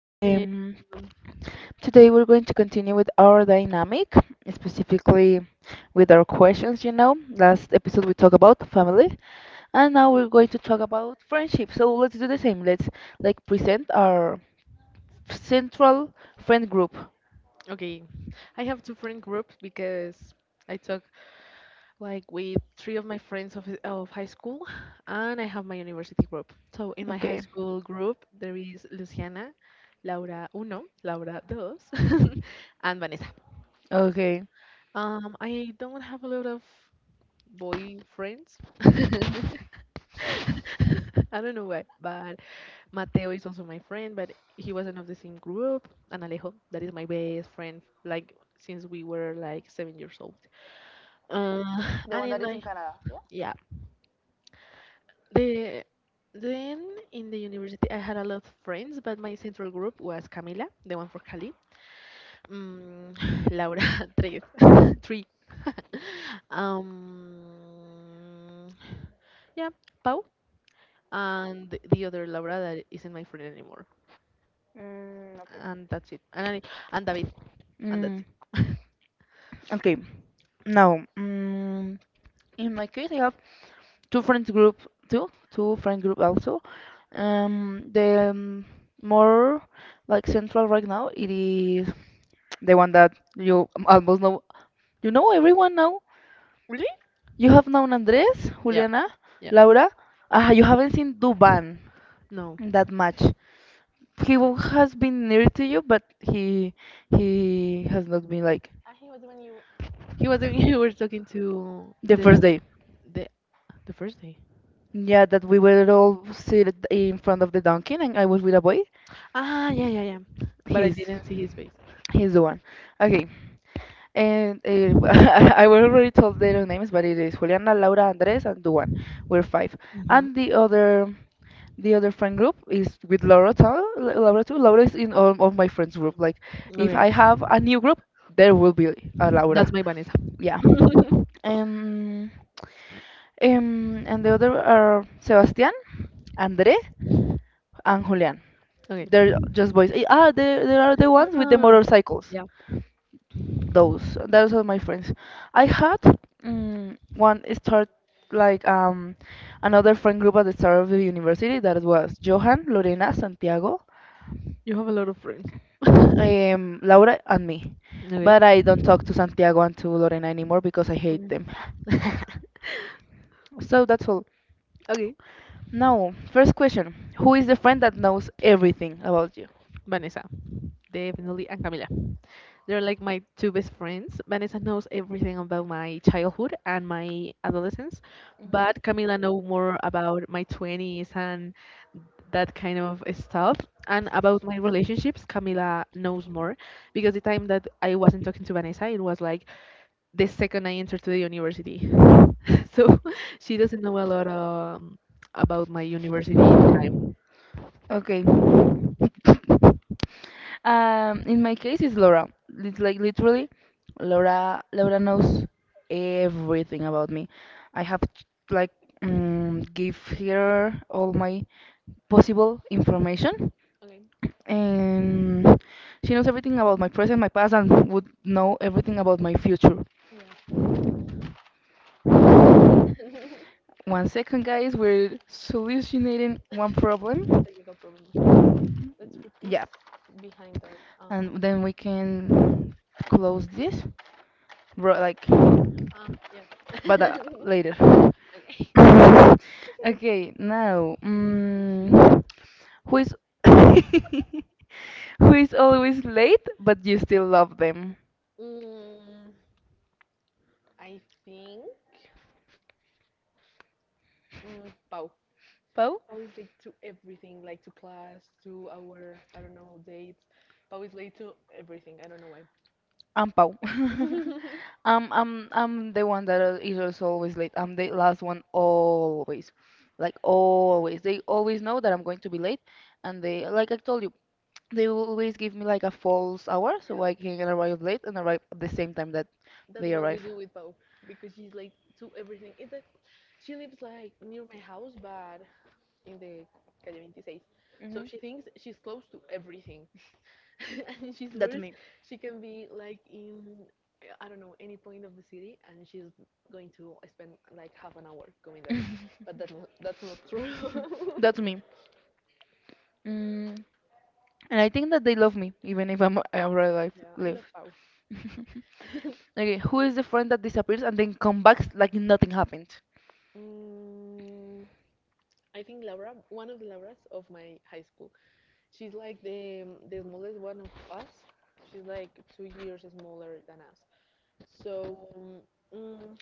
Hello. Today we're going to continue with our dynamic, specifically with our questions. You know, last episode we talked about family, and now we're going to talk about friendship. So let's do the same. Let's present our central friend group. Okay, I have two friend groups because I talk like with three of my friends of high school, and I have my university group. So in my high Okay, school group, there is Luciana, Laura Uno, Laura Dos, and Vanessa. okay. I don't have a lot of boy friends. I don't know why, but Mateo is also my friend, but he wasn't of the same group. And Alejo, that is my best friend, like since we were like 7 years old. Uh, The and one in that is my in Canada, yeah, the then in the university I had a lot of friends, but my central group was Camila, the one for Cali, mm, Laura, three, three, um, yeah, Pau, and the other Laura that isn't my friend anymore, yeah? Mm, okay. and that's it. And David, and that's Mm, it. okay. Now, in my case, I have two friends group, two friend group also. The more like central right now, it is the one that you almost know. You know everyone now. Really? You have known Andres, Yeah. Juliana, Yeah. Laura. Ah, you haven't seen Duban No. that much. Has been near to you, but he has not been like And he was when you. He was you were talking to the first day. the the first day. Yeah, that we were all seated in front of the donkey, and I was with a boy. Ah, yeah, yeah, yeah. But I He's didn't see his face. he's the one. Okay, and I will already told their names, but it is Juliana, Laura, Andres, and Duan. We're five, Hmm. and the other friend group is with Laura too. Laura too. Laura is in all of my friends group. Like, if Okay, I have a new group, there will be a that's Laura. my Vanessa. Yeah. Um. And the other are Sebastián, André, and Julian. Okay. They're just boys. They are the ones with the Ah, motorcycles. yeah. Those are my friends. I had one start like um another friend group at the start of the university that was Johan, Lorena, Santiago, You have a lot of friends. Laura, and me. Okay. But I don't talk to Santiago and to Lorena anymore because I hate them. Okay. So that's all. okay. Now, first question: who is the friend that knows everything about you? Vanessa, definitely, and Camila. They're like my two best friends. Vanessa knows everything about my childhood and my adolescence, but Camila know more about my 20s and that kind of stuff. And about my relationships, Camila knows more because the time that I wasn't talking to Vanessa, it was like the second I entered to the university. So she doesn't know a lot about my university time. Okay. In my case, it's Laura. It's like literally, Laura. Laura knows everything about me. I have ch- like give her all my possible information, and she knows everything about my present, my past, and would know everything about my future. One second, guys. We're solutionating one problem. Yeah, and then we can close this ro- like but later. Okay, now, who is who is always late but you still love them? Pau? I'm Pau. I'm the one that is also always late. I'm the last one always, like always. They always know that I'm going to be late, and they, like I told you, they will always give me like a false hour so I can arrive late and arrive at the same time that they arrive. In the, Mhm. That's me. Mm, and I think that they love me even if I arrive late. Okay, who is the friend that disappears and then comes back like nothing happened? mm, I think Laura, one of the Lauras of my high school. She's like the smallest one of us. She's like 2 years smaller than us. So mm,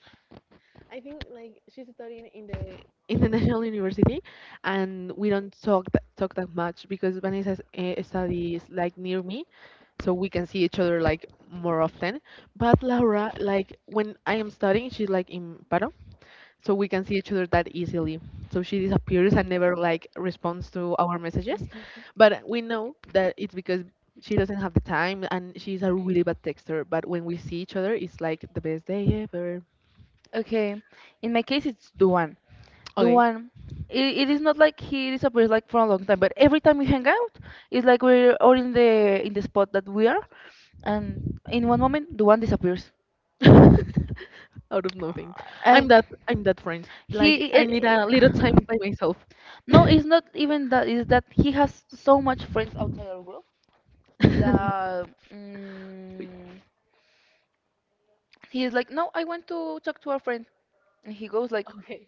I think like she's studying in the National University, and we don't talk talk that much because Vanessa studies like near me, so we can see each other like more often. But Laura, like when I am studying, she's like in Paro so we can see each other that easily. So she disappears and never like responds to our messages, but we know that it's because she doesn't have the time and she's a really bad texter. But when we see each other, it's like the best day ever. Okay, in my case, it's Duan. Okay. Duan, it is not like he disappears like for a long time, but every time we hang out, it's like we're all in the spot that we are, and in one moment, Duan disappears. Out of nothing. I'm And that I'm that friend. Like he, I it, need a little it- time by myself. No, Wait. it's not even that. It's that he has so much friends outside our group that. Mm He's like, no, I want to talk to our friend, and he goes like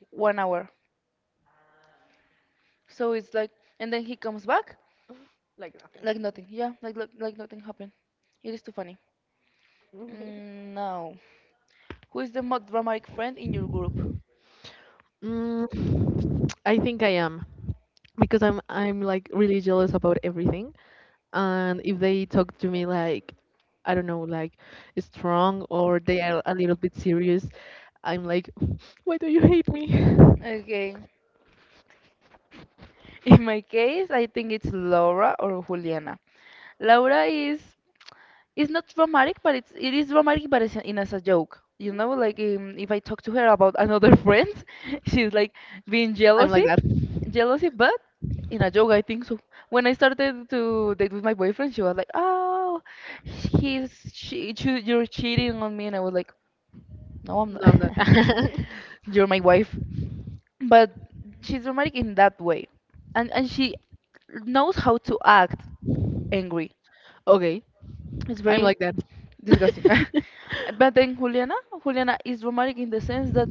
1 hour. So it's like, and then he comes back like nothing. Yeah, like nothing happened. It is too funny. Mm, no. Who is the most dramatic friend in your group? I think I am because I'm like really jealous about everything, and if they talk to me like I don't know, like strong or they are a little bit serious, I'm like, why do you hate me? Okay. In my case, I think it's Laura or Juliana. Laura is it's not romantic, but it's it is romantic, but it's in as a joke. You know, like if I talk to her about another friend, she's like being I'm like jealousy, that. But in a joke, I think so. When I started to date with my boyfriend, she was like, "Oh, you're cheating on me," and I was like, "No, I'm not. No, I'm not. You're my wife." But she's romantic in that way, and she knows how to act angry. Okay, It's I'm very like that. disgusting. But then Juliana, Juliana is romantic in the sense that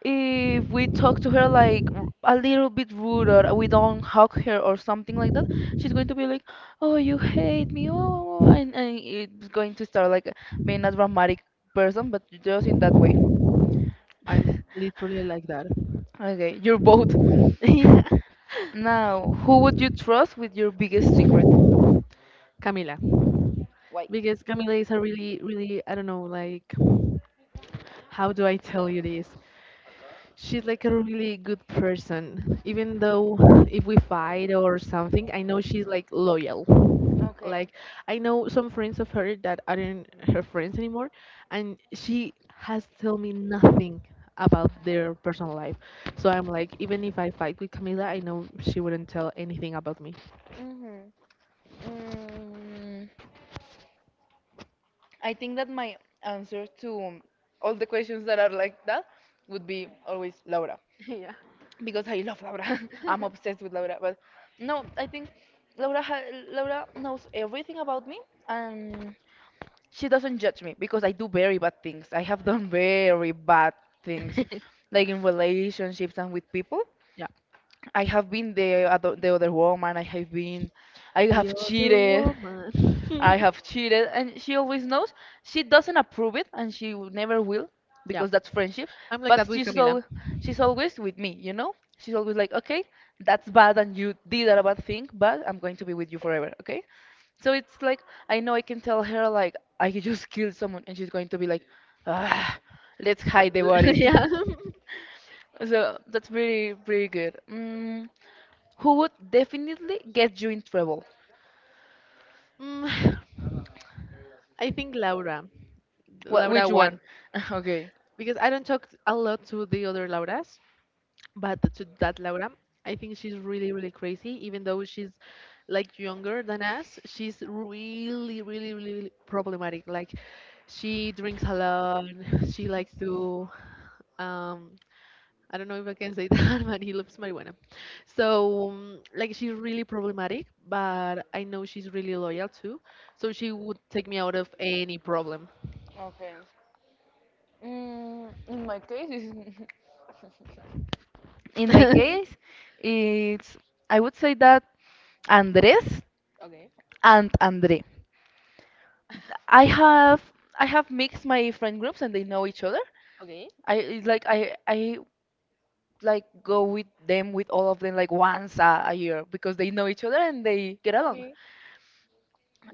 if we talk to her like a little bit rude or we don't hug her or something like that, she's going to be like, "Oh, you hate me," oh, and it's going to start like being a dramatic person, but just in that way. I'm literally like that. Okay, you're both. Yeah. Now, who would you trust with your biggest secret? Camila. Why? Because Camila is a really, really, I don't know, like, how do I tell you this? She's like a really good person. Even though if we fight or something, I know she's like loyal. Okay. Like I know some friends of her that aren't her friends anymore, and she has told me nothing about their personal life. So I'm like, even if I fight with Camila, I know she wouldn't tell anything about me. Mm-hmm. Mm, I think that my answer to all the questions that are like that would be always Laura because I love Laura. I'm obsessed with Laura, but no, I think Laura ha Laura knows everything about me and she doesn't judge me because I do very bad things. I have done very bad things, like in relationships and with people. Yeah. I have been the other woman. I have The other cheated. I woman. have cheated, and she always knows. She doesn't approve it, and she never will, Yeah. because that's friendship. I'm like that But with Camila. She's always with me, you know. She's always like, okay, that's bad, and you did a bad thing, but I'm going to be with you forever, okay? So it's like I know I can tell her like I just killed someone, and she's going to be like, ah, let's But hide the body. yeah. So that's pretty good. Who would definitely get you in trouble? Mm, I think Laura. What? Which Laura one? one. Okay. Because I don't talk a lot to the other Lauras. But to that Laura, I think she's really, really crazy. Even though she's like younger than us, she's really, really, really really problematic. Like she drinks a lot. She likes to, um, I don't know if I can say that, but he loves marijuana. So like she's really problematic, but I know she's really loyal too. So she would take me out of any problem. Okay. In my case, it's in my case, it's I would say that Andres and Andre. I have I have mixed my friend groups and they know each other. I like go with them with all of them like once a year because they know each other and they get along.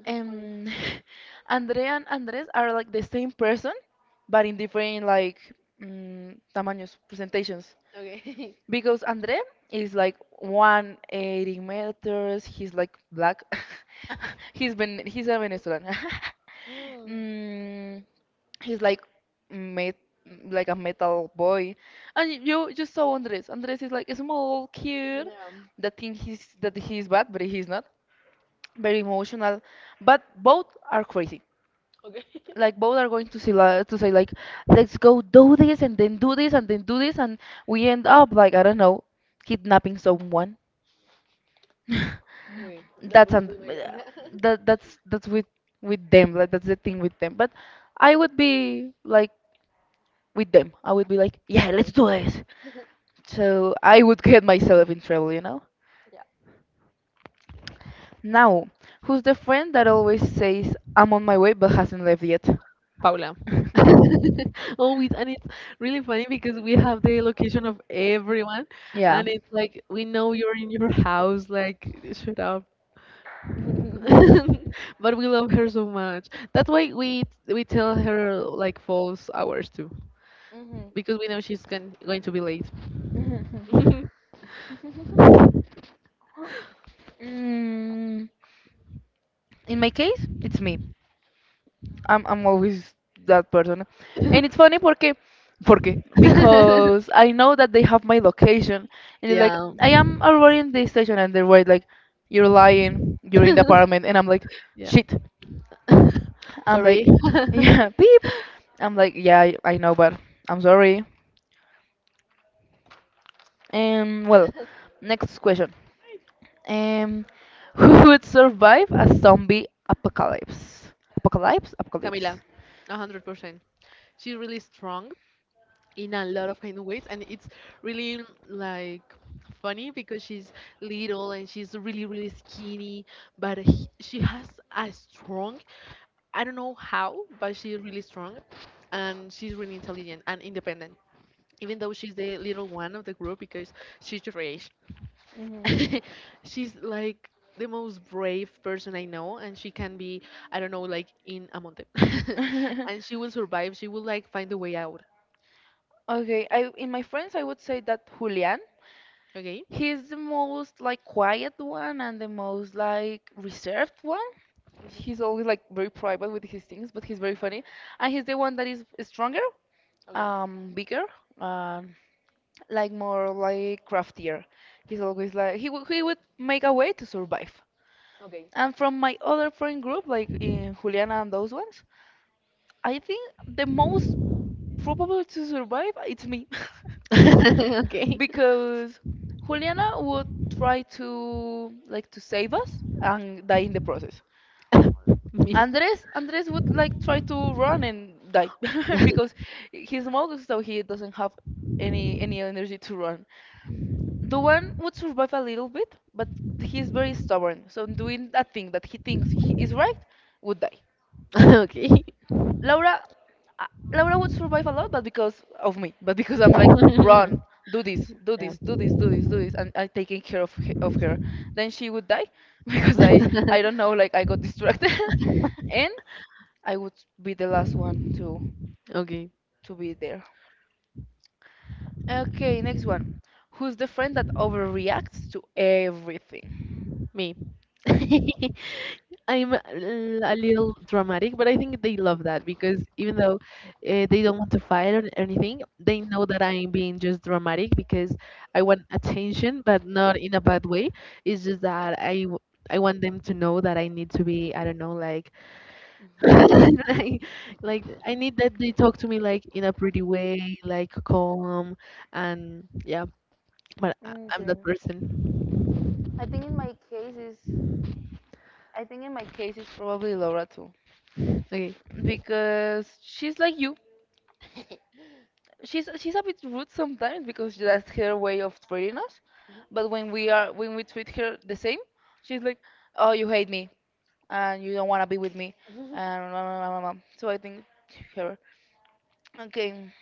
Um, Andre and Andres are like the same person, but in different like tamaños, presentations. Because Andre is like 180 meters. He's like black. He's a Venezuelan. mm, he's like met, like a metal boy. And you saw Andres. Andres is like a small kid that think he's that he's bad, but he's not. Very emotional, but both are crazy, like both are going to to say like let's go do this and then do this and then do this and we end up like, I don't know, kidnapping someone. that's un- that's with them, like that's the thing with them. But I would be like with them, I would be like, yeah, let's do this, so I would get myself in trouble, you know. Now, who's the friend that always says I'm on my way but hasn't left yet? Paula. Always, and it's really funny because we have the location of everyone, Yeah. and it's like we know you're in your house. Like, shut up. But we love her so much. That's why we tell her like false hours too, Hmm. because we know she's going to be late. Mm, in my case, it's me. I'm always that person, and it's funny porque because I know that they have my location, and it's like Yeah. I am already in the station, and they were like, "You're lying. You're in the apartment," and I'm like, Yeah. "Shit." I'm Sorry. like, "Yeah, beep." I'm like, "Yeah, I know, but I'm sorry." And well, next question. Um, who would survive a zombie apocalypse? Apocalypse. Camila, 100%. She's really strong in a lot of kind of ways, and it's really like funny because she's little and she's really really skinny, but she has a strong, I don't know how, but she's really strong, and she's really intelligent and independent. Even though she's the little one of the group because she's your age, Hmm. she's like the most brave person I know, and she can be, I don't know, like in a mountain, and she will survive. She will like find a way out. Okay, I in my friends I would say that Julian. Okay. He's the most like quiet one and the most like reserved one. He's always like very private with his things, but he's very funny. And he's the one that is stronger, bigger, um, like more like craftier. He's always like he would make a way to survive. And from my other friend group, like in Juliana and those ones, I think the most probable to survive it's me. Okay. Because Juliana would try to save us and die in the process. Me. Andres would like try to run and die because he smokes so he doesn't have any energy to run. The one would survive a little bit, but he's very stubborn. So doing that thing that he thinks he is right would die. Okay. Laura, uh, Laura would survive a lot, but because of me, but because I'm like, run, do this, do Yeah. this, do this, do this, do this, and I'm taking care of her. Then she would die because I don't know, like I got distracted, and I would be the last one Okay. to be there. Okay, next one. Who's the friend that overreacts to everything? Me. I'm a little dramatic, but I think they love that because even though they don't want to fight or anything, they know that I'm being just dramatic because I want attention, but not in a bad way. It's just that I want them to know that I need to be I don't know like I, like I need that they talk to me like in a pretty way, like calm, and yeah, but I'm Okay. that person. I think in my case is I think in my case is probably Laura too. Okay. Because she's like you. She's a bit rude sometimes because that's her way of treating us. But when we are when we treat her the same, she's like, "Oh, you hate me and you don't want to be with me." And blah, blah, blah, blah, blah. So I think her. Okay,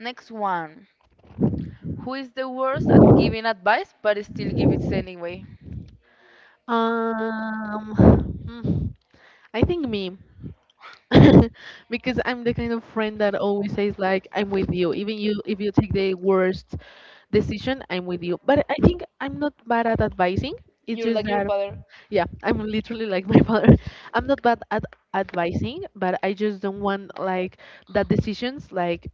next one. Who is the worst at giving advice but still give it anyway? Um, hmm, I think me. Because I'm the kind of friend that always says like I'm with you, even you if you take the worst decision, I'm with you. But I think I'm not bad at advising. It's You're just like your that. father. Yeah, I'm literally like my father. I'm not bad at advising, but I just don't want like that decisions like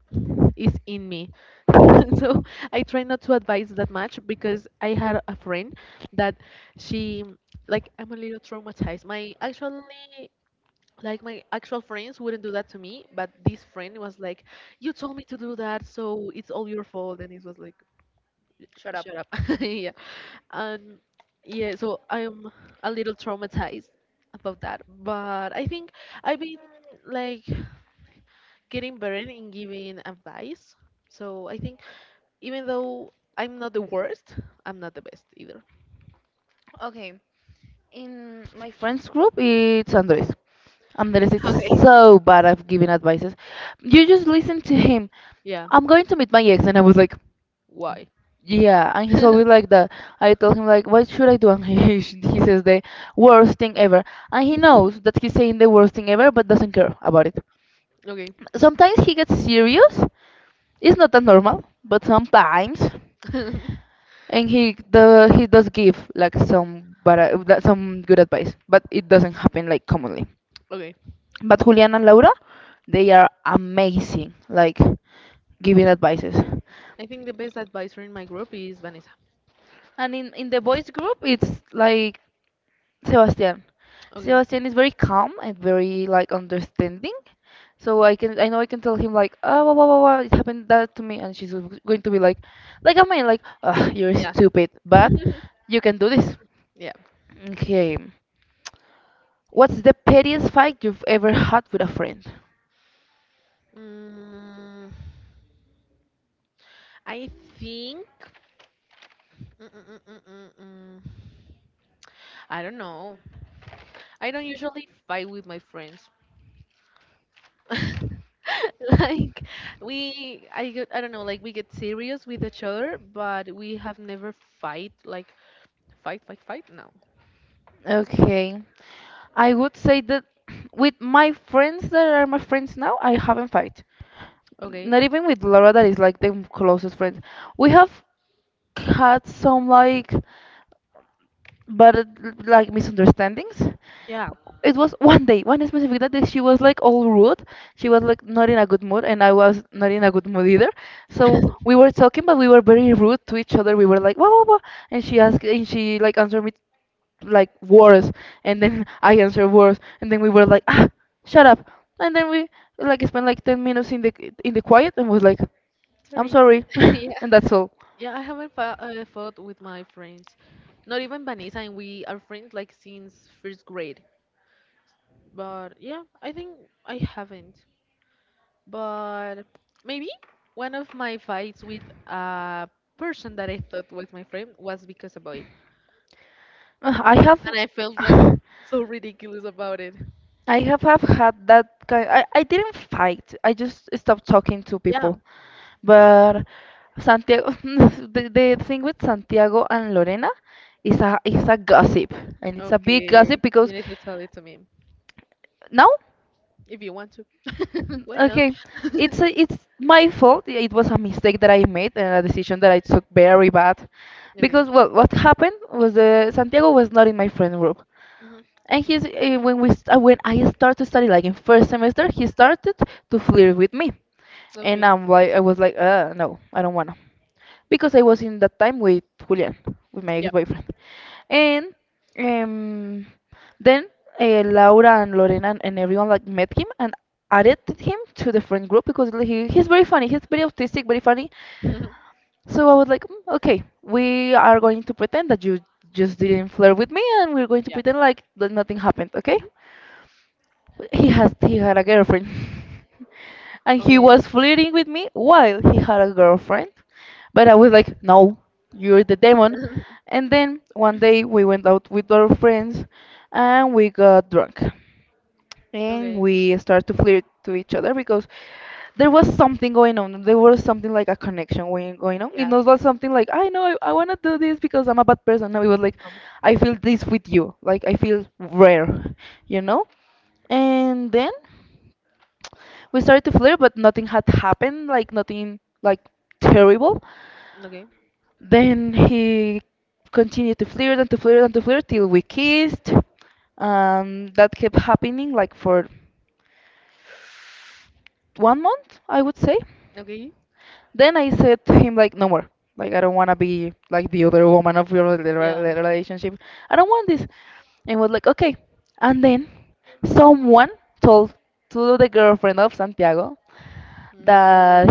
is in me. So I try not to advise that much because I had a friend that she like I'm a little traumatized. My actually like my actual friends wouldn't do that to me, but this friend was like, "You told me to do that, so it's all your fault," and it was like, Shut up. "Shut up." Yeah. And yeah, so I'm a little traumatized about that, but I think I've been like getting better in giving advice. So I think even though I'm not the worst, I'm not the best either. Okay, in my friends group, it's Andres. Andres is Okay. so bad at giving advices. You just listen to him. Yeah, I'm going to meet my ex, and I was like, why? yeah, and he's always like that. I told him like, what should I do? And he he says the worst thing ever, and he knows that he's saying the worst thing ever, but doesn't care about it. Okay. Sometimes he gets serious. It's not that normal, but sometimes, and he does give like some but some good advice, but it doesn't happen like commonly. Okay. But Julian and Laura, they are amazing, like giving advices. I think the best advisor in my group is Vanessa. And in the boys group, it's like Sebastian. Okay. Sebastian is very calm and very like understanding. So I know I can tell him like oh blah, blah, blah, blah, it happened that to me and she's going to be like I mean like Ugh, you're Yeah. stupid but you can do this. Yeah. Okay. What's the pettiest fight you've ever had with a friend? Mm, I think. Mm, mm, mm, mm, mm, mm. I don't know. I don't usually fight with my friends. Like we I get, I don't know, like we get serious with each other, but we have never fight like fight fight fight no. Okay. I would say that with my friends that are my friends now, I haven't fight. Okay. Not even with Laura that is like the closest friend. We have had some like but it, like misunderstandings. Yeah. It was one day, one specific day that she was like all rude. She was like not in a good mood, and I was not in a good mood either. So we were talking, but we were very rude to each other. We were like, whoa, whoa, whoa, and she asked, and she like answered me like words, and then I answered words, and then we were like, ah, shut up, and then we like spent like 10 minutes in the quiet, and was like. I'm Sorry. sorry, Yeah. and that's all. Yeah, I haven't fought with my friends. Not even Vanessa, and we are friends like since first grade. But yeah, I think I haven't. But maybe one of my fights with a person that I thought was my friend was because a boy. Ugh, I have. And I felt like so ridiculous about it. I have had that kind. I didn't fight. I just stopped talking to Yeah. people. But Santiago, the thing with Santiago and Lorena is a gossip, and it's a big Okay. gossip You because need to tell it to me now, if you want to. Why not? okay, it's a, it's my fault. It was a mistake that I made and a decision that I took very bad, Okay. because well, what happened was Santiago was not in my friend group, Hmm. and he's when I started to study like in first semester, he started to flirt with me, and Okay. I was like, no, I don't wanna, because I was in that time with Julian, with my Yeah. ex-boyfriend, and um, then Laura and Lorena and everyone like met him and added him to the friend group because like, he's very funny, he's very autistic, very funny, so I was like, "Mm, okay, we are going to pretend that you just didn't flirt with me, and we're going to Yeah. pretend like that nothing happened, okay? Mhm. He had a girlfriend. And he Okay. was flirting with me while he had a girlfriend. But I was like, no, you're the demon. And then one day we went out with our friends and we got drunk. And Okay. we started to flirt to each other because there was something going on. There was something like a connection going on. It Yeah. was not something like, I know, I want to do this because I'm a bad person. No, it was like, Um, I feel this with you. Like, I feel rare, you know? And then we started to flirt, but nothing had happened, like nothing like terrible. okay. Then he continued to flirt and to flirt and to flirt till we kissed. That kept happening like for 1 month, I would say. Okay. Then I said to him like, no more. Like I don't want to be like the other woman of your Yeah. Relationship. I don't want this. And was like, okay. And then someone told to the girlfriend of Santiago No. that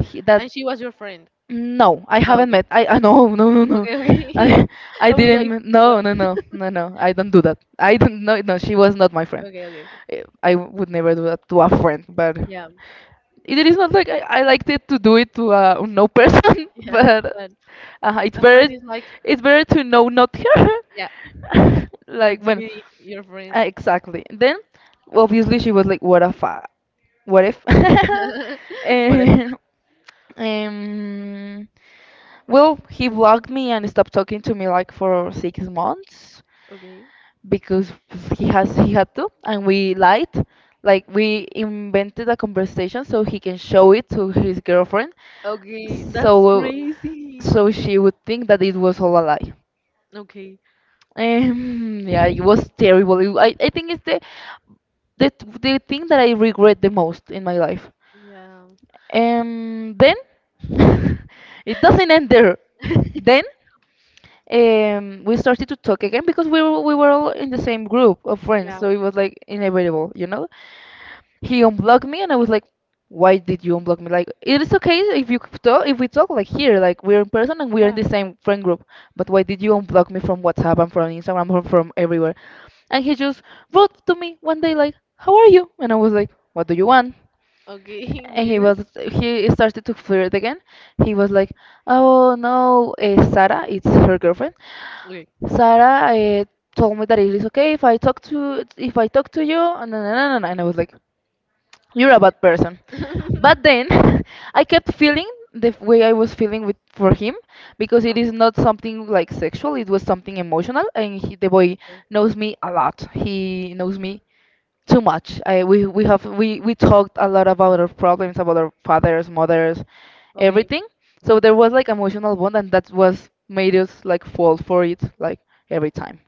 he, that And she was your friend. no, I Ah, haven't okay. met. I no. Okay. Okay. I I I was like, didn't m- what? no no no no no. I don't do that. I don't. She was not my friend. Okay. Okay. Eh, I would never do that to a friend. But Yeah. it is not like I liked it to do it to a no person, Yeah. but But uh, it's a friend better is like, it's better to know not yeah, her. than Like to when be your friend. Exactly. Then obviously she was like, what if? Whatever. And, um, well, he blocked me and stopped talking to me like for 6 months Okay. because he had to and we lied like we invented a conversation so he can show it to his girlfriend Okay, that's so crazy. so she would think that it was all a lie. Okay. Yeah, it was terrible. I think it's the the thing that I regret the most in my life. Yeah. Then it doesn't end there. Then we started to talk again because we were all in the same group of friends, Yeah. so it was like inevitable, you know. He unblocked me and I was like, why did you unblock me? Like, it is okay if you talk, if we talk like here, like we're in person and we're in Yeah. the same friend group, but why did you unblock me from WhatsApp and from Instagram and from everywhere? And he just wrote to me one day like, how are you? And I was like, what do you want? Okay. And he Weird. was he started to flirt again. He was like, oh no, Sarah, it's her girlfriend. Okay. Sarah told me that it is okay if I talk to you, and I was like, you're a bad person. Okay. But then I kept feeling the way I was feeling with for him because it is not something like sexual, it was something emotional and he, the boy knows me a lot. He knows me too much. I we have we talked a lot about our problems, about our fathers, mothers, Okay. everything. So there was like emotional bond and that was made us like fall for it like every time.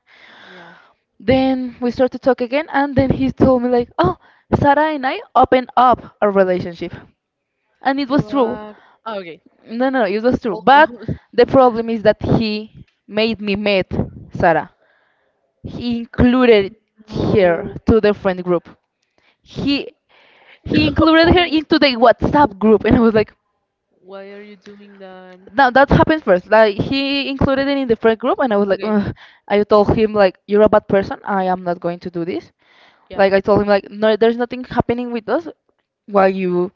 Yeah. Then we start to talk again and then he told me like, "Oh, Sarah and I opened up our relationship." And it was true. What? Ah, okay. No, no, no, it was true. But Almost. the problem is that he made me meet Sarah. He included her No. to the friend group. He he included her No. into the WhatsApp group, and I was like, Why are you doing that? now that happened first. Like he included it in the friend group, and I was like, Okay. Ugh. I told him like, you're a bad person. I am not going to do this. Yeah. Like I told him, like no, there's nothing happening with us while you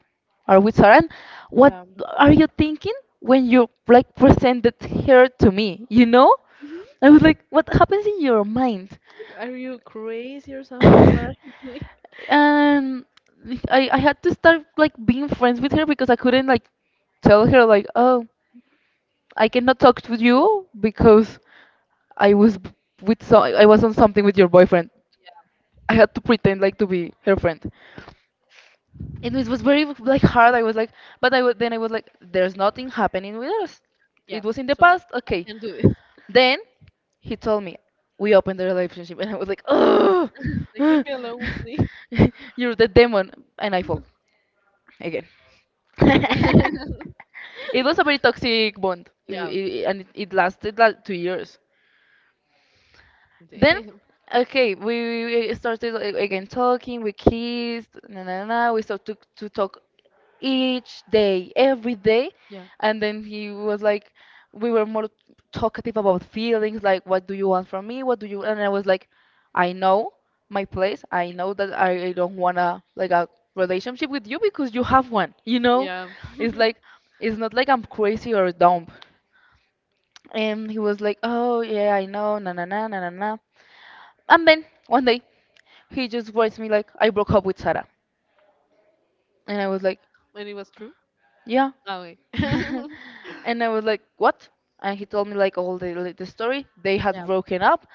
are with Sarah. And what Yeah. are you thinking when you like presented her to me? You know, I was like, what happens in your mind? Like, are you crazy or something? What are And you doing? I had to start like being friends with her because I couldn't like tell her like oh I cannot talk to you because I was b- I was on something with your boyfriend. I had to pretend like to be her friend. And it was very like hard. I was like, but I would then I was like, there's nothing happening with us. Yeah. It was in the So past. I Okay. can't do this. Then he told me we opened the relationship, and I was like, oh, Like, leave me alone, please. you're the demon, and I fall again. It was a very toxic bond, Yeah. And it lasted like 2 years. Then, Damn. okay, we started again talking. We kissed, na na na. We started to talk each day, every day. Yeah. And then he was like, we were more talkative about feelings, like, what do you want from me? What do you? And I was like, I know my place. I know that I don't wanna like a relationship with you because you have one. You know, Yeah. it's like it's not like I'm crazy or dumb. And he was like, oh yeah, I know, na na na na na na. And then one day he just writes me like, I broke up with Sarah, and I was like, And it was true. yeah. Oh, wait. And I was like, "What?" And he told me like all the like, the story. They had Yeah, broken up,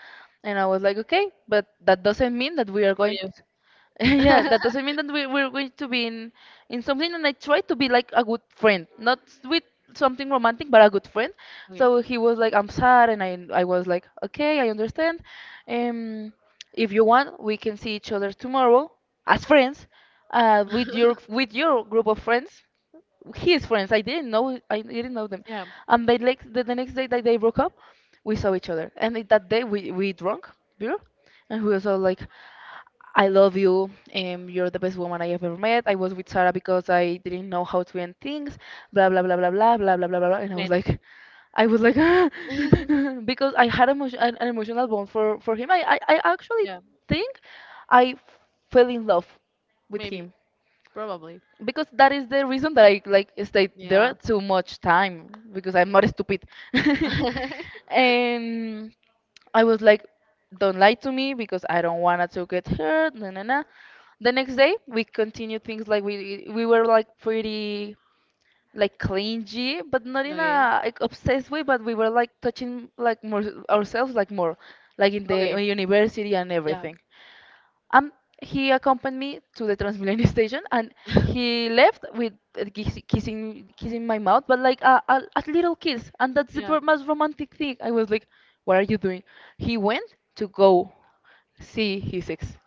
and I was like, "Okay, but that doesn't mean that we are good for going." Yeah, you. that doesn't mean that we're going to be in something. And I tried to be like a good friend, not with something romantic, but a good friend. Okay. So he was like, "I'm sad," and I was like, "Okay, I understand. Um, if you want, we can see each other tomorrow as friends, with your group of friends." His friends. I didn't know them, Yeah, and they like the next day that they broke up, we saw each other, and that day we drunk beer, and we was all like, I love you, you're the best woman I ever met. I was with Sarah because I didn't know how to end things, blah blah blah blah blah blah blah blah blah, and I was man. like. I was like because I had an emotional bond for him. I actually Yeah, think I fell in love with maybe, him probably. because that is the reason that I like stayed there Yeah. too much time because I'm not stupid. And I was like, don't lie to me because I don't wanna to get hurt. Na na na. The next day we continued things like we were like pretty like clingy, but not in Okay. a like obsessed way. But we were like touching like more ourselves like more, like in Okay. the university and Yeah. everything. Um, he accompanied me to the Transmilenio station, and he left with kissing kissing my mouth, but like a little kiss, and that's the Yeah. Most romantic thing. I was like, "What are you doing?" He went to go see his ex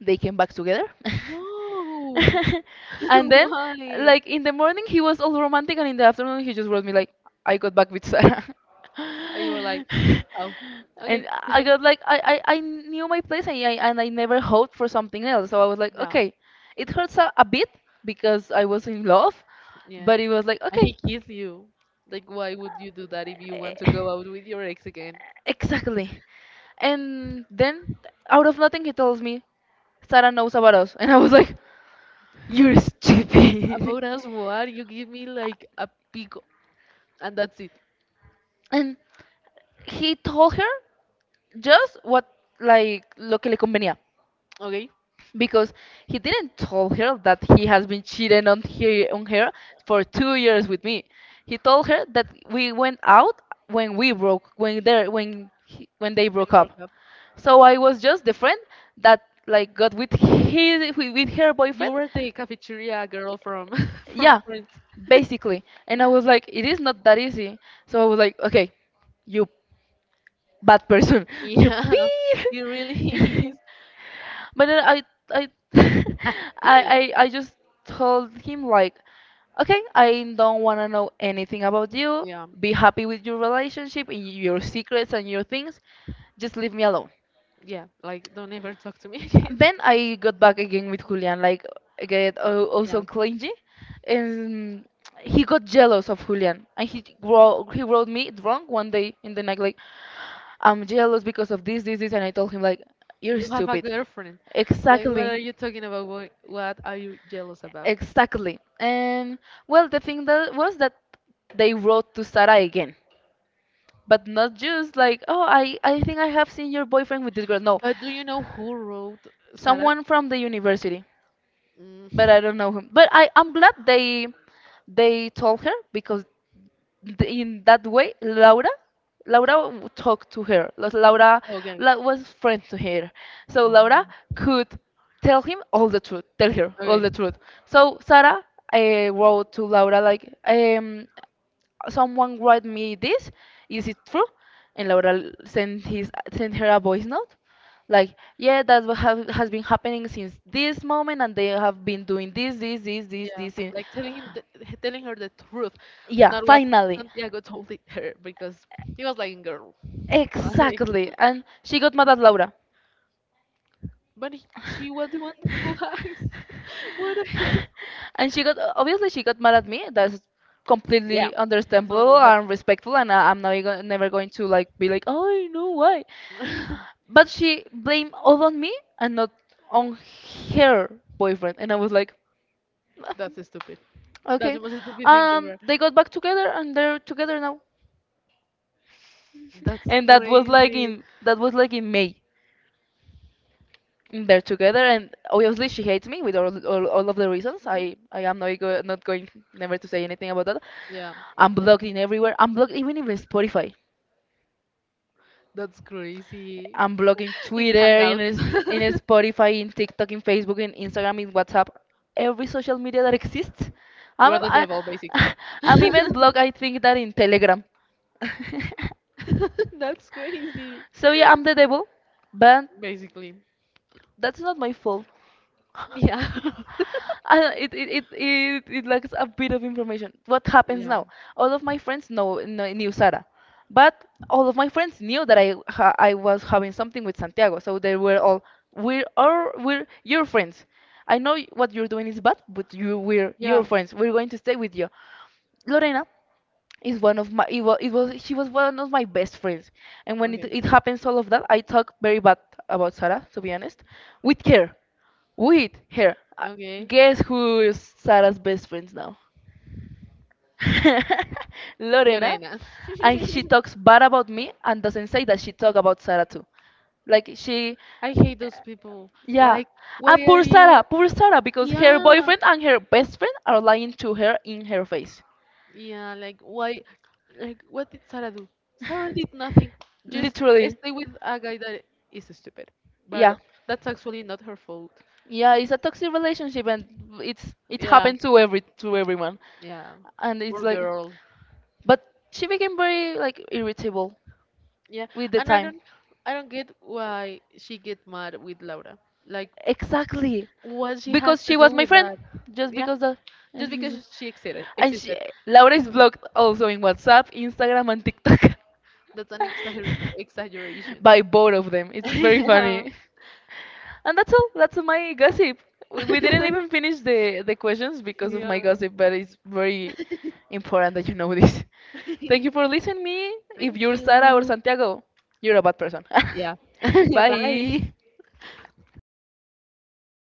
they came back together. No. And then, Why? like in the morning, he was all romantic, and in the afternoon, he just wrote me like, "I got back with Sarah," And you were like, oh, and okay. I got like, I knew my place, and I never hoped for something else. So I was like, Yeah. okay, it hurts a bit because I was in love, Yeah. but it was like, And okay, he kissed you. Like, why would you do that if you Eh, want to go out with your ex again? exactly. And then, out of nothing, he tells me, Sarah knows about us. And I was like, you're stupid. About us, what? You give me like a pick and that's it. And he told her just what, like, lo que le convenía Okay? because he didn't tell her that he has been cheating on her for 2 years with me. He told her that we went out when we broke when they when he, when they broke They up. broke up. So I was just the friend that like got with his with her You boyfriend. were the cafeteria girl from Yeah, from Friends. basically. And I was like, it is not that easy. So I was like, okay, you bad person, you Yeah, peed. it really is. But then I I just told him like, okay, I don't want to know anything about you. Yeah, Be happy with your relationship and your secrets and your things. Just leave me alone. yeah. Like, don't ever talk to me again. Then I got back again with Julian, like get Yeah, also clingy, and he got jealous of Julian, and he wrote me drunk one day in the night like I'm jealous because of this this this, and I told him like you're you have a stupid. girlfriend. Like, what Exactly. are you talking about? What are you jealous about? Exactly. And well, the thing that was that they wrote to Sarah again, but not just like, oh, I think I have seen your boyfriend with this girl. No, But do you know who wrote Sarah? someone from the university Mm. but I don't know him. But I'm glad they told her because in that way Laura talked to her. Like, Laura Oh, okay. la- was friend to her, so Oh, Laura could tell him all the truth. Tell her all the okay. truth. So Sarah wrote to Laura like someone write me this. Is it true? And Laura sent his sent her a voice note, like, yeah, that's what have, has been happening since this moment, and they have been doing this, this, this, this, Yeah. this. Like telling him, telling her the truth, Yeah, not what finally. Santiago told it her, because he was like, "Girl, like, Exactly. And she got mad at Laura. but she was the one who asked. What? The. and she got obviously she got mad at me. That's Yeah, completely that's understandable normal. But and respectful, and I'm not go- never going to like be like, oh, I know why. But she blamed all on me and not on her boyfriend, and I was like, that's stupid. That's okay. the most stupid thing ever. They got back together and they're together now, That's and crazy. That was like in May. And they're together and obviously she hates me with all of the reasons Mhm. I am not, go, not going never to say anything about that. Yeah, I'm blocked in everywhere. I'm blocked even in Spotify. that's crazy. I'm blocking In twitter in Hangouts, is- In his Spotify, in TikTok, in Facebook, in Instagram, in WhatsApp, every social media that exists. you i'm are the I, devil, basically. I'm even blocked, I think, that in Telegram. That's crazy. So yeah, I'm the devil, but Basically. that's not my fault. Yeah. And it lacks a bit of information. What happens now? All of my friends know knew Sara, but all of my friends knew that I was having something with Santiago, so they were all we're your friends. What you're doing is bad, but you we're your Yeah. friends. We're going to stay with you. Lorena is one of my it was she was one of my best friends, and when Okay. it happens all of that, I talk very bad about Sarah, to be honest, with her with her. Okay. Guess who is Sarah's best friends now. Lorena. Lorena. And she talks bad about me and doesn't say that she talk about Sarah too, like she I hate those people. yeah. Like, why And are you? poor Sarah, because her Yeah, boyfriend and her best friend are lying to her in her face. yeah. Like, why? Like, what did Sarah do? Sarah did nothing. Just Literally. stay with a guy that is stupid. Yeah, But that's actually not her fault. yeah, it's a toxic relationship, and it Yeah, happened to everyone, yeah. and it's Poor like, girl. but she became very like irritable Yeah, with the and time. I don't get why she get mad with Laura. Like, Exactly. what she has Because to she do was my with friend. that? Just Yeah, because the just because she existed. and she Existed. Laura is blocked also in WhatsApp, Instagram and TikTok. That's an exaggeration. By both of them. It's very Yeah. funny. And that's all. That's my gossip. We didn't even finish the questions because of Yeah. my gossip, but it's very important that you know this. Thank you for listening me. If Thank you're Sara or you. Santiago, you're a bad person. Yeah. Bye. Bye.